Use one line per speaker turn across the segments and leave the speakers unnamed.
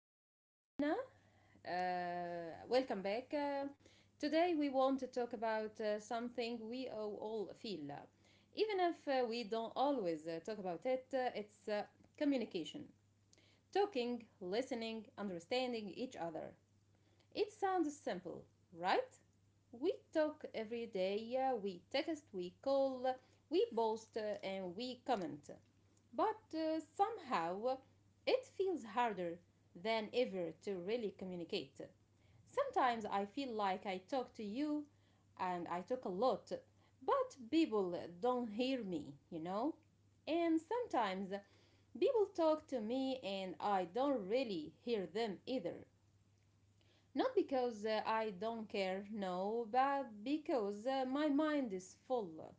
I am Dina. Welcome back. Today we want to talk about something we all feel. Even if we don't always talk about it, it's communication. Talking, listening, understanding each other. It sounds simple, right? We talk every day, we text, we call, we post, and we comment. But somehow it feels harder than ever to really communicate. Sometimes I feel like I talk to you and I talk a lot, but people don't hear me, you know? And sometimes people talk to me and I don't really hear them either. Not because I don't care, no, but because my mind is full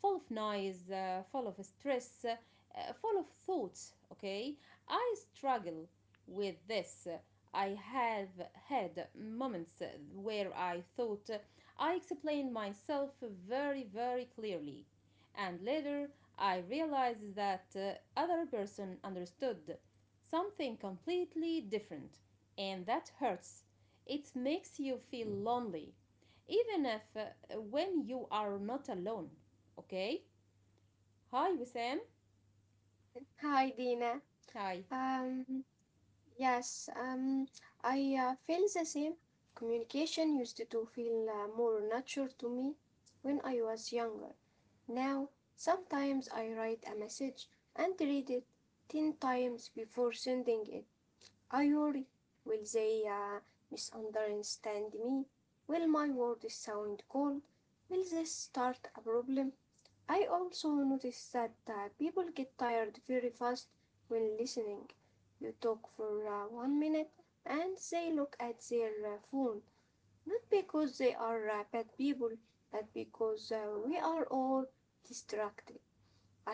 full of noise, full of stress, full of thoughts. Okay, I struggle with this. I have had moments where I thought I explained myself very, very clearly, and later I realized that other person understood something completely different, and that hurts. It makes you feel lonely, even if, when you are not alone. Okay. Hi, Wissam.
Hi, Dina.
Hi.
Um, yes, I feel the same. Communication used to feel more natural to me when I was younger. Now, sometimes I write a message and read it 10 times before sending it. I worry, will they misunderstand me? Will my words sound cold? Will this start a problem? I also noticed that people get tired very fast when listening. You talk for 1 minute and they look at their phone, not because they are bad people, but because we are all distracted.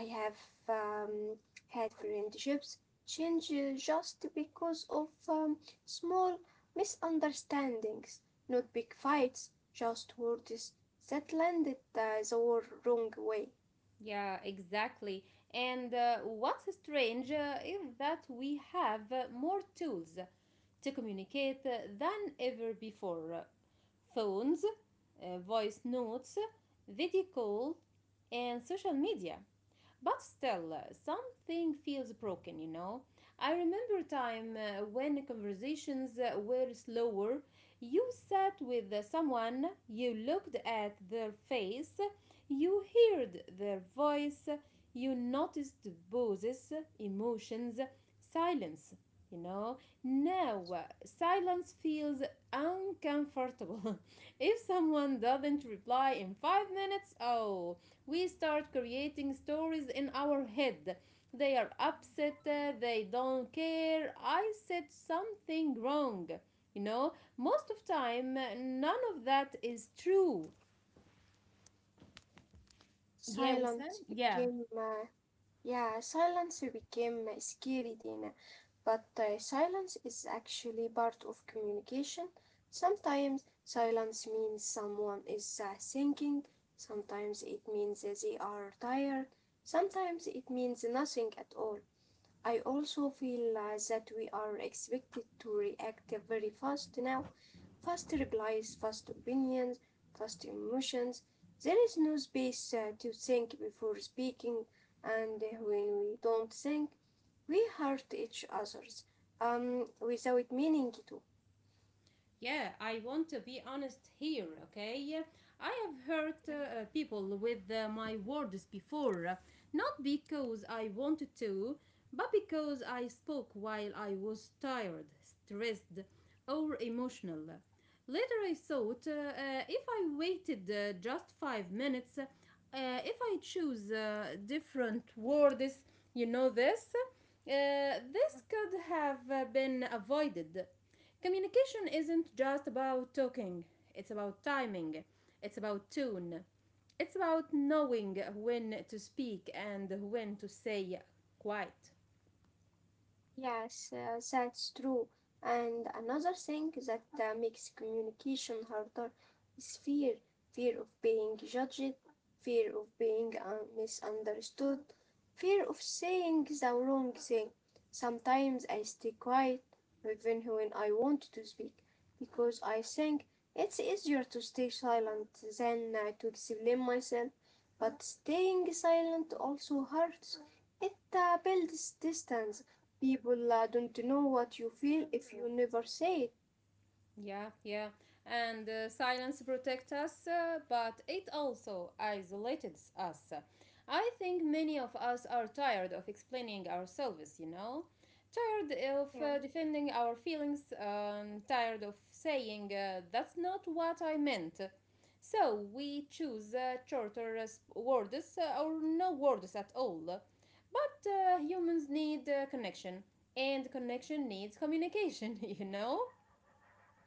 I have um, had friendships change just because of small misunderstandings, not big fights, just words that landed the wrong way.
Yeah, exactly. And what's strange is that we have more tools to communicate than ever before: phones, voice notes, video call, and social media. But still, something feels broken, you know. I remember a time when conversations were slower. You sat with someone, you looked at their face, you heard their voice, you noticed pauses, emotions, silence, you know. Now, silence feels uncomfortable. If someone doesn't reply in 5 minutes, oh, we start creating stories in our head. They are upset, they don't care, I said something wrong. You know, most of time, none of that is true. Yeah, we said.
Silence
Yeah.
became, uh, yeah, silence became scary, Dina. But silence is actually part of communication. Sometimes silence means someone is thinking, sometimes it means they are tired, sometimes it means nothing at all. I also feel that we are expected to react very fast now fast replies, fast opinions, fast emotions. There is no space to think before speaking, and when we don't think, we hurt each others without meaning to.
Yeah, I want to be honest here, okay? I have hurt people with my words before, not because I wanted to, but because I spoke while I was tired, stressed, or emotional. Later, I thought if I waited just 5 minutes, if I choose different words, you know uh, this could have been avoided. Communication isn't just about talking, it's about timing, it's about tune, it's about knowing when to speak and when to say quiet.
Yes, that's true. And another thing that makes communication harder is fear fear of being judged, fear of being misunderstood, fear of saying the wrong thing. Sometimes I stay quiet even when I want to speak because I think it's easier to stay silent than to explain myself. But staying silent also hurts, it builds distance. People don't know what you feel if you never say it.
Yeah, yeah. And silence protects us, but it also isolates us. I think many of us are tired of explaining ourselves, you know? Tired of
Yeah.
defending our feelings, tired of saying, that's not what I meant. So we choose shorter words or no words at all. But humans need connection, and connection needs communication, you know?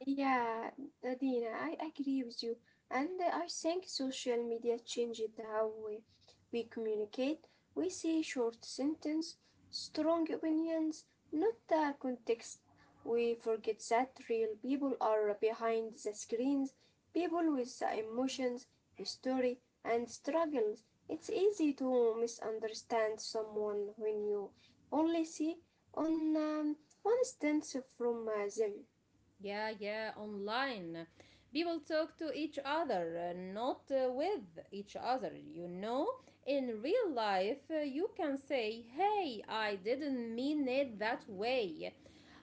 Yeah, Dina, I agree with you. And I think social media changed how we communicate. We see short sentence, strong opinions, not the context. We forget that real people are behind the screens, people with the emotions, history, and struggles. It's easy to misunderstand someone when you only see on one stance from them.
Yeah, yeah, online. People talk to each other, not with each other, you know? In real life, you can say, hey, I didn't mean it that way.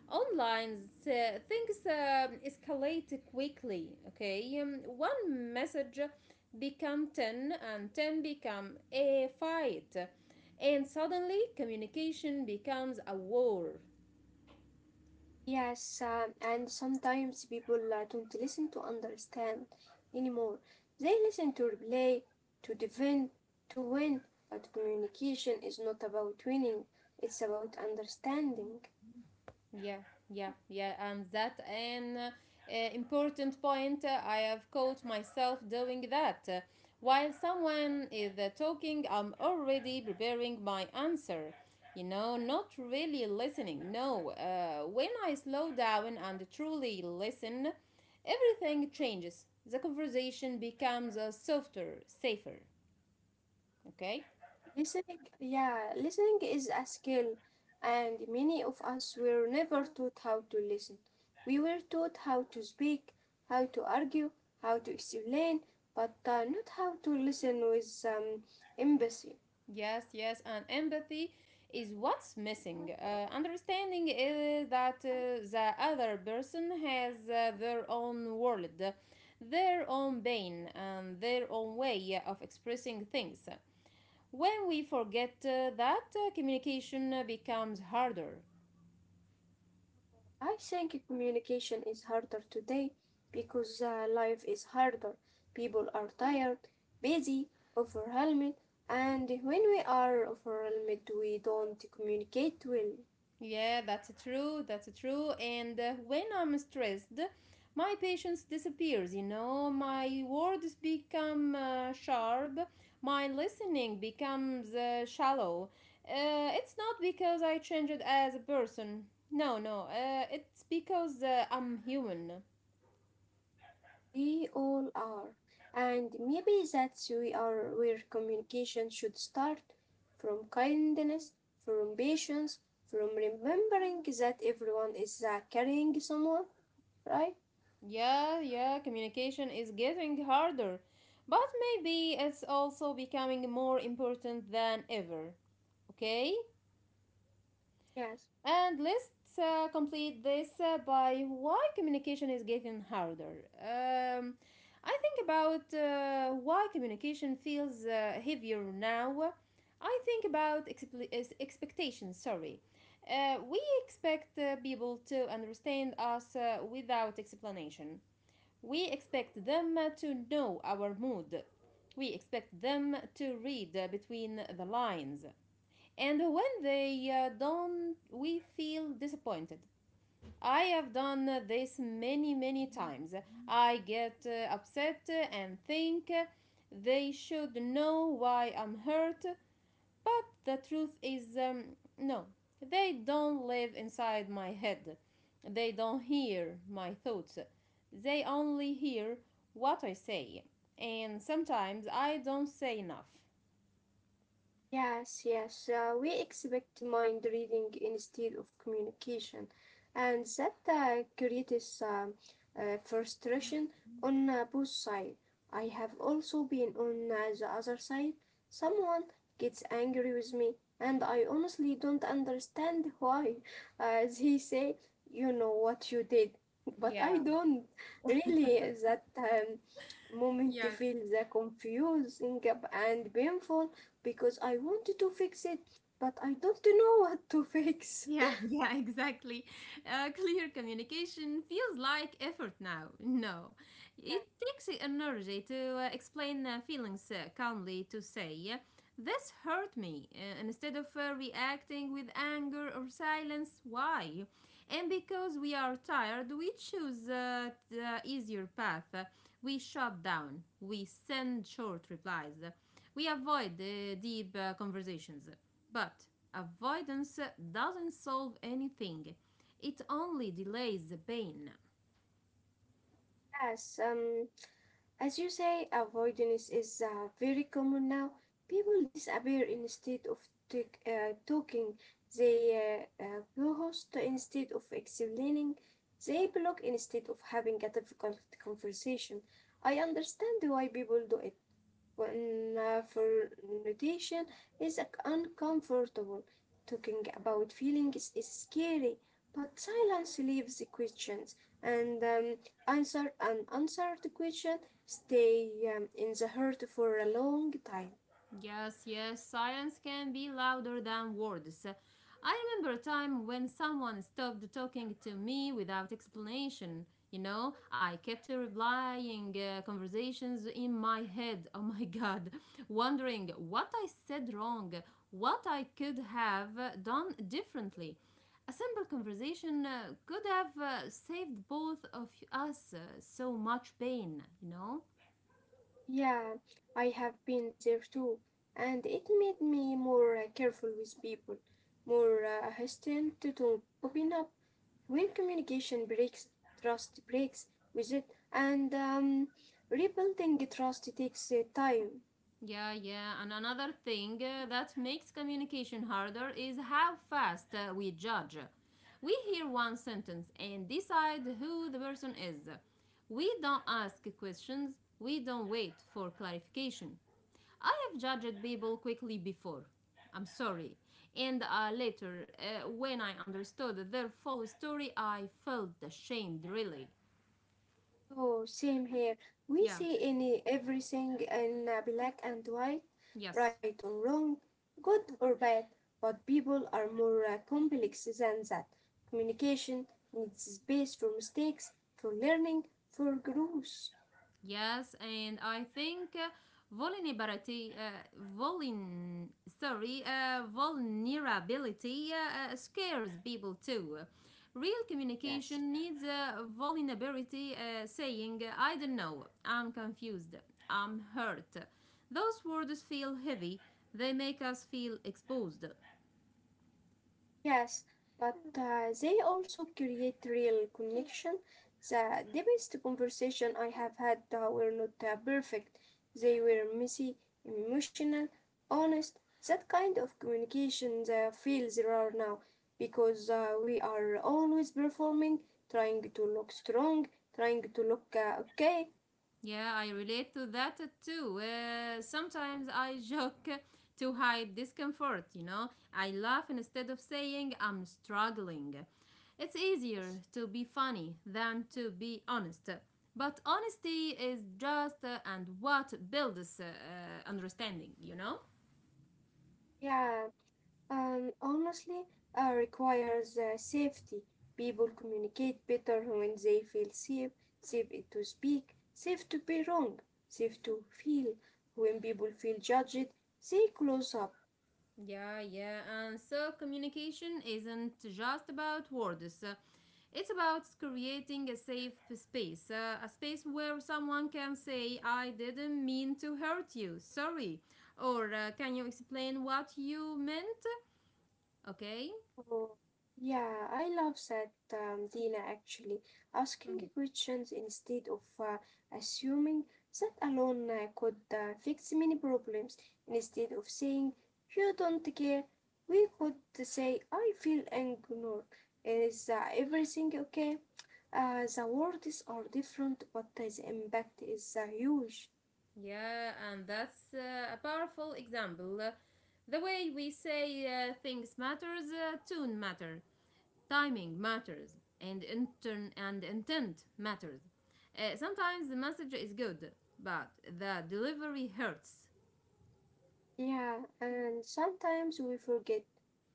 Online, uh, things escalate quickly, okay? One message become 10 and 10 become a fight. And suddenly, communication becomes a war.
Yes, and sometimes people don't listen to understand anymore. They listen to replay, to defend, to win, but communication is not about winning, it's about understanding.
Yeah, yeah, yeah, and that an important point. I have caught myself doing that. While someone is talking, I'm already preparing my answer. You know, not really listening. No, when I slow down and truly listen, everything changes. The conversation becomes softer, safer. Okay?
Listening, yeah, listening is a skill, and many of us were never taught how to listen. We were taught how to speak, how to argue, how to explain, but not how to listen with empathy.
Yes, yes, and empathy is what's missing. Understanding is that the other person has their own world, their own pain, and their own way of expressing things. When we forget that, communication becomes harder.
I think communication is harder today because life is harder. People are tired, busy, overwhelmed, and when we are overwhelmed, we don't communicate well.
Yeah, that's true. That's true. And when I'm stressed, my patience disappears, you know. My words become sharp. My listening becomes shallow. It's not because I changed as a person. No, no. It's because I'm human.
We all are, and maybe that's we are where communication should start from kindness, from patience, from remembering that everyone is carrying someone, right?
Yeah, yeah, communication is getting harder. But maybe it's also becoming more important than ever. Okay?
Yes.
And let's complete this by why communication is getting harder. I think about why communication feels heavier now. I think about expectations, sorry. We expect people to understand us without explanation. We expect them to know our mood. We expect them to read between the lines, and when they don't, we feel disappointed. I have done this many many times. I get upset and think they should know why I'm hurt, but the truth is, no, they don't live inside my head. They don't hear my thoughts. They only hear what I say, and sometimes I don't say enough.
Yes, yes, we expect mind reading instead of communication, and that creates frustration on both sides. I have also been on the other side. Someone gets angry with me, and I honestly don't understand why. They say, you know what you did, but I
Yeah.
don't. Really, that moment
Yes.
feels confusing and painful because I wanted to fix it, but I don't know what to fix.
Yeah, yeah, exactly. Clear communication feels like effort now. No, it takes energy to explain feelings calmly, to say, yeah. This hurt me. Instead of reacting with anger or silence, why? And because we are tired, we choose the easier path. We shut down. We send short replies. We avoid the deep conversations. But avoidance doesn't solve anything, it only delays the pain.
Yes, as you say, avoidance is very common now. People disappear instead of talking. They ghost instead of explaining. They block instead of having a difficult conversation. I understand why people do it. Confrontation is uncomfortable. Talking about feelings is scary, but silence leaves the questions and answer unanswered question stay in the heart for a long time.
Yes, yes, silence can be louder than words. I remember a time when someone stopped talking to me without explanation. You know, I kept replying conversations in my head. Oh my god, wondering what I said wrong, what I could have done differently. A simple conversation could have saved both of us so much pain, you know?
Yeah, I have been there too, and it made me more careful with people, more hesitant to open up. When communication breaks, trust breaks with it, and rebuilding trust takes time.
Yeah, yeah. And another thing that makes communication harder is how fast we judge. We hear one sentence and decide who the person is. We don't ask questions, we don't wait for clarification. I have judged people quickly before. I'm sorry. And later, when I understood their full story, I felt ashamed, really.
Oh, same here.
Yeah,
We see any everything in black and white,
yes.
right or wrong, good or bad, but people are more complex than that. Communication needs space for mistakes, for learning, for growth.
Yes, and I think vulnerability, uh, vuln- vulnerability scares people too. Real
Yes.
communication needs vulnerability, saying, I don't know, I'm confused, I'm hurt. Those words feel heavy, they make us feel exposed.
Yes, but they also create real connection. The deepest conversation I have had were not perfect. They were messy, emotional, honest. That kind of communication feels rare now because we are always performing, trying to look strong, trying to look okay.
Yeah, I relate to that too. Sometimes I joke to hide discomfort, you know. I laugh instead of saying I'm struggling. It's easier
Yes.
to be funny than to be honest. But honesty is just and what builds understanding, you know?
Yeah, honestly, requires safety. People communicate better when they feel safe, safe to speak, safe to be wrong, safe to feel. When people feel judged, they close up.
Yeah, yeah. And so communication isn't just about words. It's about creating a safe space, a space where someone can say, I didn't mean to hurt you, sorry. Or can you explain what you meant? Okay.
Oh, yeah, I love that, Dina, actually. Asking questions instead of assuming that alone could fix many problems. Instead of saying, you don't care, we could say, I feel ignored. Is everything okay? The words are different, but the impact is huge.
Yeah, and that's a powerful example. The way we say things matters, tune matter. Timing matters, and intern and intent matters. Sometimes the message is good, but the delivery hurts.
Yeah, and sometimes we forget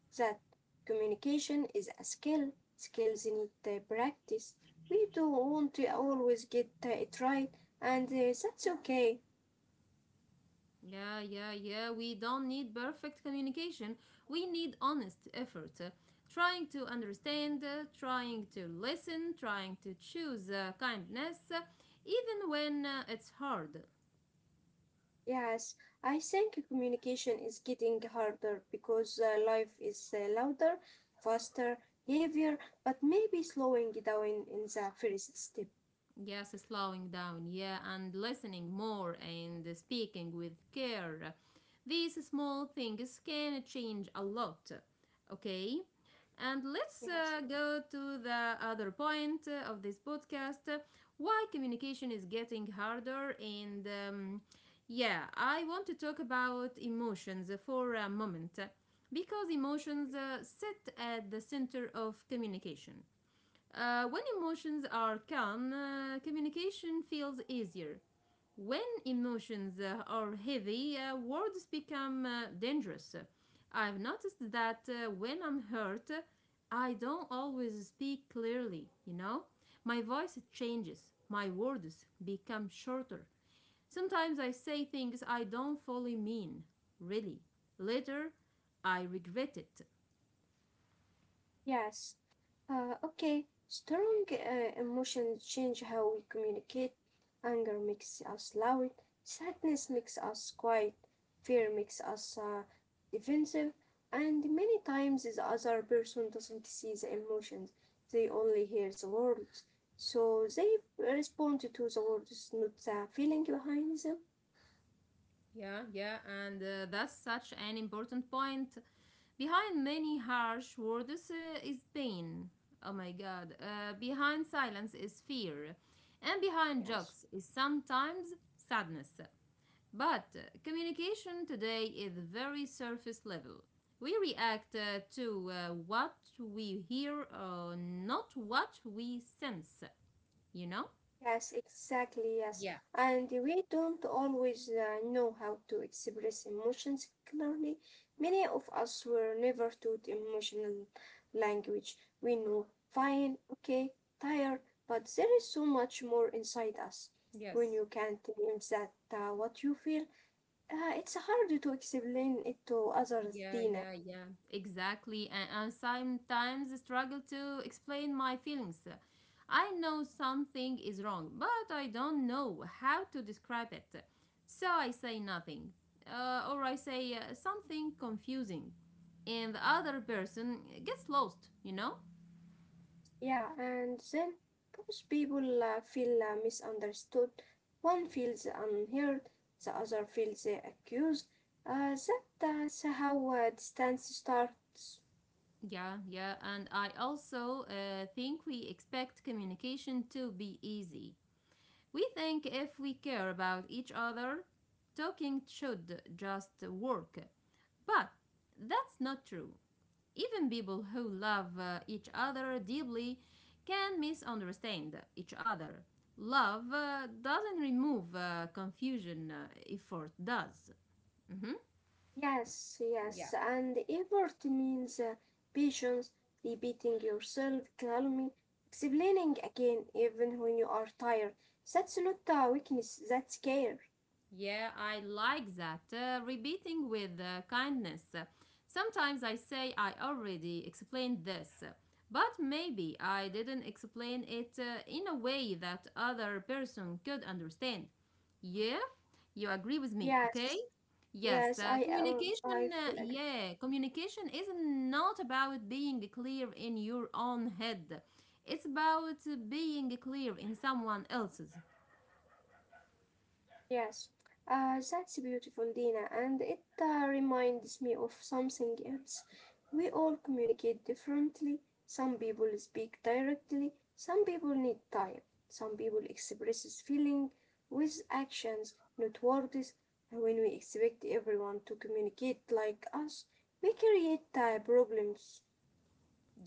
that communication is a skill. Skills need practice. We don't want to always get it right, and that's okay.
Yeah, yeah, yeah. We don't need perfect communication. We need honest effort. Trying to understand, trying to listen, trying to choose kindness, even when it's hard.
Yes, I think communication is getting harder because life is louder, faster, heavier, but maybe slowing down in the first step.
Yes, slowing down, yeah, and listening more and speaking with care. These small things can change a lot. Okay? And let's
Yes.
go to the other point of this podcast, why communication is getting harder. And yeah, I want to talk about emotions for a moment because emotions sit at the center of communication. When emotions are calm, communication feels easier. When emotions are heavy, words become dangerous. I've noticed that when I'm hurt, I don't always speak clearly, you know? My voice changes, my words become shorter. Sometimes I say things I don't fully mean, really. Later, I regret it.
Yes. Okay. Strong emotions change how we communicate. Anger makes us loud. Sadness makes us quiet. Fear makes us defensive. And many times the other person doesn't see the emotions. They only hear the words. So they respond to the words, not the feeling behind them.
Yeah, yeah, and that's such an important point. Behind many harsh words is pain. Oh my god. Behind silence is fear. And behind
Yes.
jokes is sometimes sadness. But communication today is very surface level. We react to what we hear, not what we sense, you know?
Yes, exactly, yes.
Yeah,
And we don't always know how to express emotions clearly. Many of us were never taught emotional language. We know fine, okay, tired, but there is so much more inside us. When
yes.
you can't name that what you feel, it's hard to explain it to others,
Yeah,
Dina.
yeah, yeah, exactly. And sometimes I struggle to explain my feelings. I know something is wrong, but I don't know how to describe it. So I say nothing, or I say something confusing, and the other person gets lost, you know?
Yeah, and then both people feel misunderstood. One feels unheard, the other feels accused. That, that's how distance starts.
Yeah, yeah, and I also think we expect communication to be easy. We think if we care about each other, talking should just work. But that's not true. Even people who love each other deeply can misunderstand each other. Love doesn't remove confusion, effort does. Mhm.
Yes, yes,
Yeah.
and effort means patience, repeating yourself calmly, explaining again even when you are tired. That's not weakness, that's care.
Yeah, I like that. Repeating with kindness. Sometimes I say I already explained this, but maybe I didn't explain it in a way that other person could understand. Yeah, you agree with me, okay?
Yes,
Yes,
yes, I
communication.
fully agree.
Yeah, communication is not about being clear in your own head. It's about being clear in someone else's.
Yes, that's beautiful, Dina, and it reminds me of something else. We all communicate differently. Some people speak directly, some people need time, some people expresses feeling with actions, not words. When we expect everyone to communicate like us, we create problems.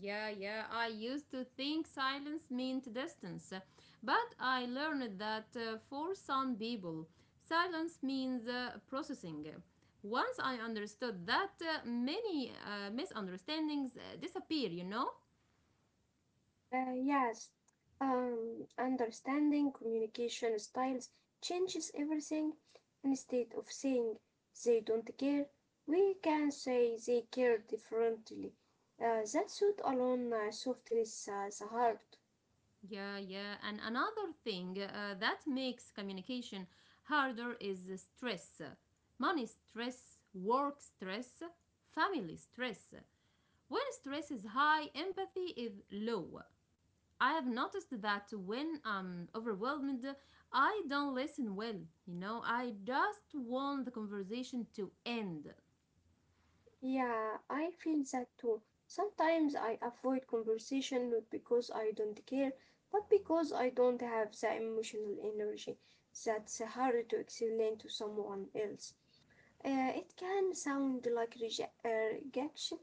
Yeah, yeah. I used to think silence meant distance, but I learned that for some people, silence means processing. Once I understood that, many misunderstandings disappear,
Yes, understanding communication styles changes everything. Instead of saying they don't care, we can say they care differently. That suit alone softens the heart.
Yeah, yeah. And another thing that makes communication harder is the stress, money stress, work stress, family stress. When stress is high, empathy is low. I have noticed that when I'm overwhelmed, I don't listen well. I just want the conversation to end.
Yeah, I feel that too. Sometimes I avoid conversation not because I don't care, but because I don't have the emotional energy that's hard to explain to someone else. It can sound like rejection,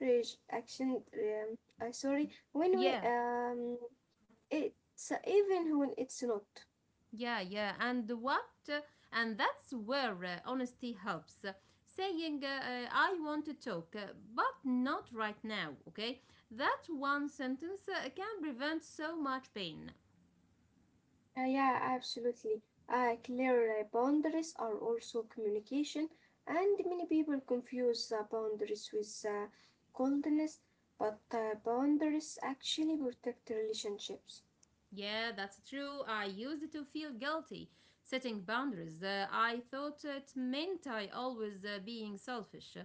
rejection. Sorry, when we
Yeah.
it's even when it's not.
Yeah, yeah. And what? uh, And that's where honesty helps. Saying, I want to talk, but not right now, okay? That one sentence can prevent so much pain.
Yeah, absolutely. Clear boundaries are also communication, and many people confuse boundaries with coldness, but boundaries actually protect relationships.
Yeah, that's true. I used it to feel guilty setting boundaries. I thought it meant I always being selfish.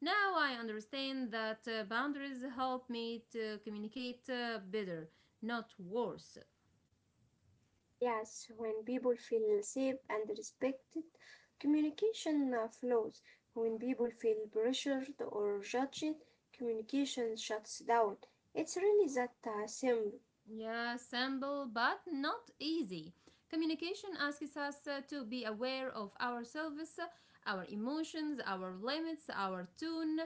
Now I understand that boundaries help me to communicate better, not worse.
Yes, when people feel safe and respected, communication flows. When people feel pressured or judged, communication shuts down. It's really that simple.
Yeah, simple but not easy. Communication asks us to be aware of ourselves, our emotions, our limits, our tone,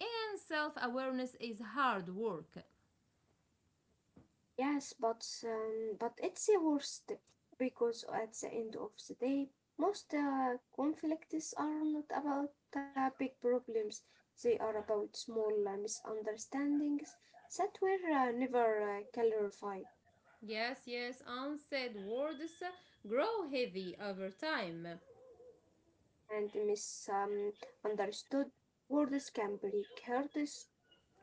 and self awareness is hard work.
Yes, but it's the worst because at the end of the day, most conflicts are not about big problems. They are about small misunderstandings that were never clarified.
Yes, yes, unsaid words grow heavy over time.
And misunderstood words can break hearts.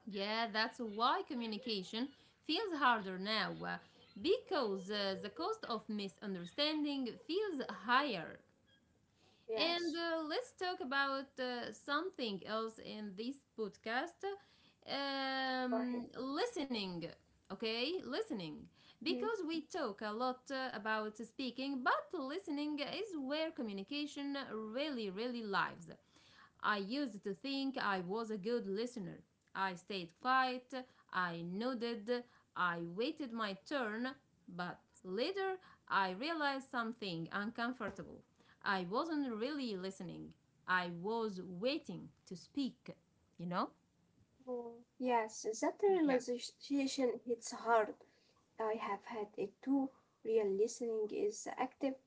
Yeah, that's why communication feels harder now because the cost of misunderstanding feels higher. And
Yes,
let's talk about something else in this podcast,
go ahead.
listening. Okay, listening.
Hmm.
Because we talk a lot about speaking, but listening is where communication really, really lives. I used to think I was a good listener. I stayed quiet, I nodded, I waited my turn, but later I realized something uncomfortable. I wasn't really listening, I was waiting to speak, you know?
Oh, yes, that
Yeah.
realization hits hard. I have had it too. Real listening is active.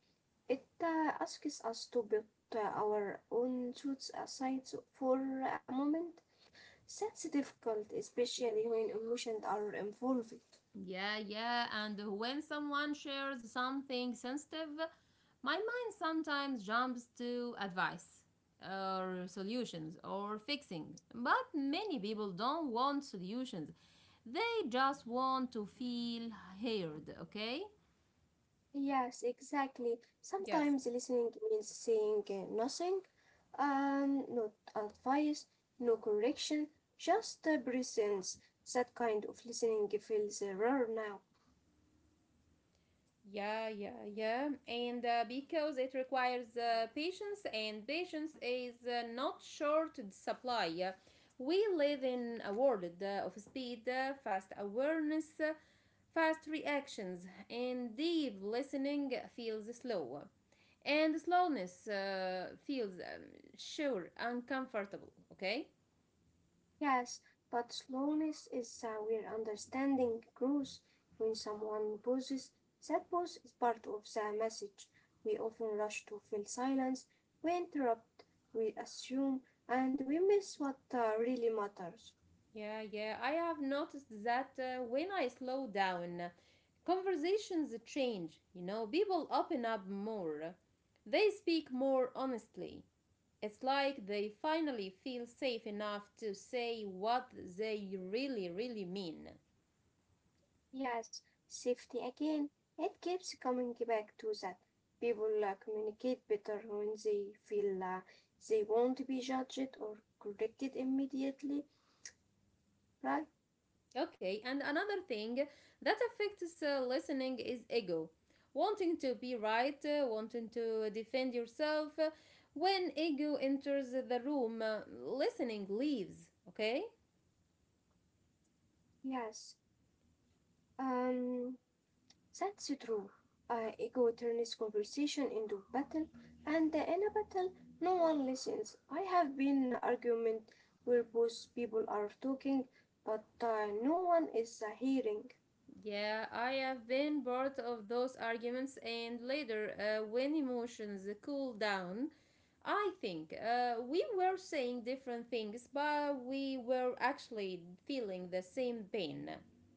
It asks us to put our own truths aside for a moment. That's difficult, especially when emotions are involved.
Yeah, yeah, and when someone shares something sensitive, my mind sometimes jumps to advice or solutions or fixing. But many people don't want solutions, they just want to feel heard, okay?
Yes, exactly.
Yes.
Sometimes listening means saying nothing, no advice, no correction, just presence. That kind of listening feels rare now.
Yeah, yeah, yeah. And because it requires patience, and patience is not short supply. We live in a world of speed, fast awareness, fast reactions, and deep listening feels slow. And slowness feels sure uncomfortable, okay?
Yes, but slowness is where understanding grows. When someone pauses, that pause is part of the message. We often rush to fill silence, we interrupt, we assume, and we miss what really matters.
Yeah, yeah. I have noticed that when I slow down, conversations change. You know, people open up more. They speak more honestly. It's like they finally feel safe enough to say what they really, really mean.
Yes, safety again, it keeps coming back to that. People communicate better when they feel they won't be judged or corrected immediately, right?
Okay, and another thing that affects listening is ego. Wanting to be right, wanting to defend yourself. When ego enters the room, listening leaves, okay?
Yes, um, that's true. Ego turns conversation into battle, and in a battle, no one listens. I have been in an argument where both people are talking, but no one is hearing.
Yeah, I have been part of those arguments, and later, when emotions cool down, I think we were saying different things, but we were actually feeling the same pain.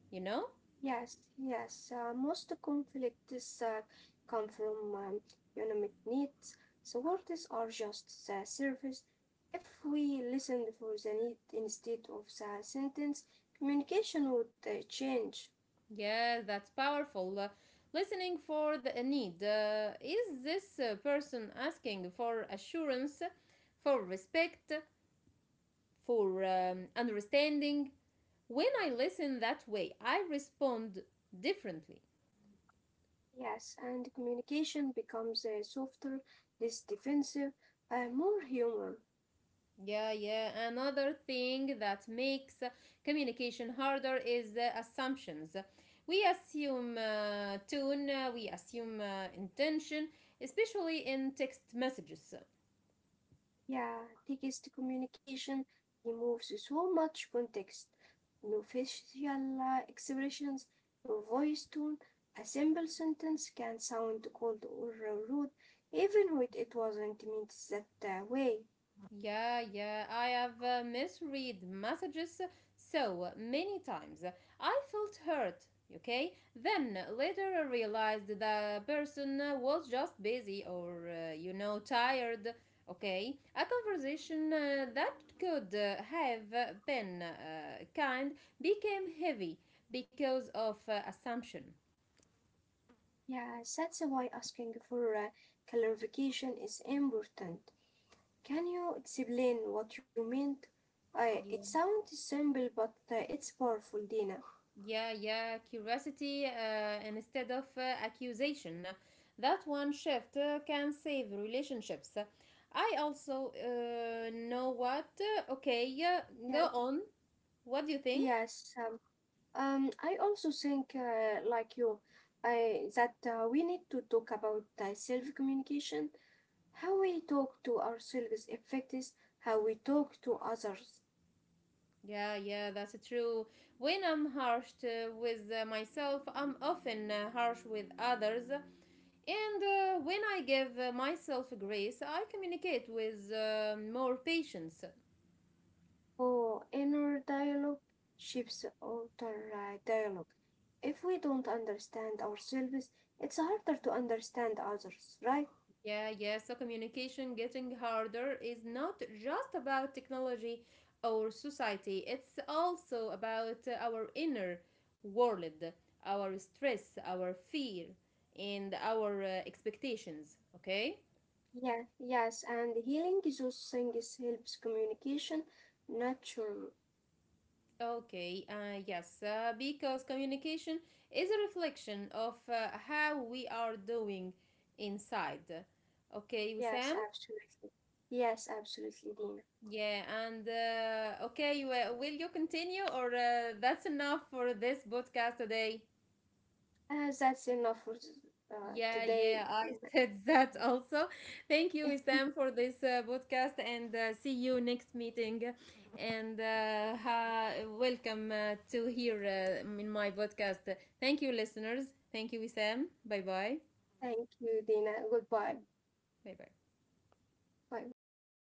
You know?
Yes, yes. Most conflicts come from economic needs. So words are just the service. If we listened for the need instead of the sentence, communication would change.
Yeah, that's powerful. Listening for the need. Is this person asking for assurance, for respect, for understanding? When I listen that way, I respond differently.
Yes, and communication becomes softer, less defensive, more human.
Yeah, yeah. Another thing that makes communication harder is assumptions. We assume tone, we assume intention, especially in text messages.
Yeah, text communication removes so much context. No facial expressions, no voice tone. A simple sentence can sound cold or rude, even when it wasn't meant that way.
Yeah, yeah, I have misread messages so many times. I felt hurt, okay? Then later I realized the person was just busy or, tired, okay? A conversation that could have been kind became heavy because of assumption.
Yeah, that's why asking for clarification is important. Can you explain what you meant? It sounds simple, but it's powerful, Dina.
Yeah, yeah, curiosity instead of accusation. That one shift can save relationships. I also know what. Okay, yeah,
Yeah.
go on. What do you think?
Yes, I also think, like you, that we need to talk about self communication, how we talk to ourselves affects how we talk to others.
Yeah, yeah, that's true. When I'm harsh with myself, I'm often harsh with others. And when I give myself grace, I communicate with more patience.
Oh, inner dialogue shapes outer dialogue. If we don't understand ourselves, it's harder to understand others, right?
Yeah, yeah. So communication getting harder is not just about technology or society, it's also about our inner world, our stress, our fear, and our expectations. Okay?
Yeah, yes, and healing those things helps communication natural.
Okay, yes, because communication is a reflection of how we are doing inside. Okay,
Yes,
Wissam?
absolutely. Yes, absolutely, Dina.
Yeah, and okay, well, will you continue or that's enough for this podcast today?
That's enough for
Yeah, yeah,
today.
I said that also. Thank you, Isam, for this podcast and see you next meeting. And welcome to here in my podcast. Thank you, listeners. Thank you, Isam. Bye bye.
Thank you, Dina. Goodbye.
Bye bye.
Bye.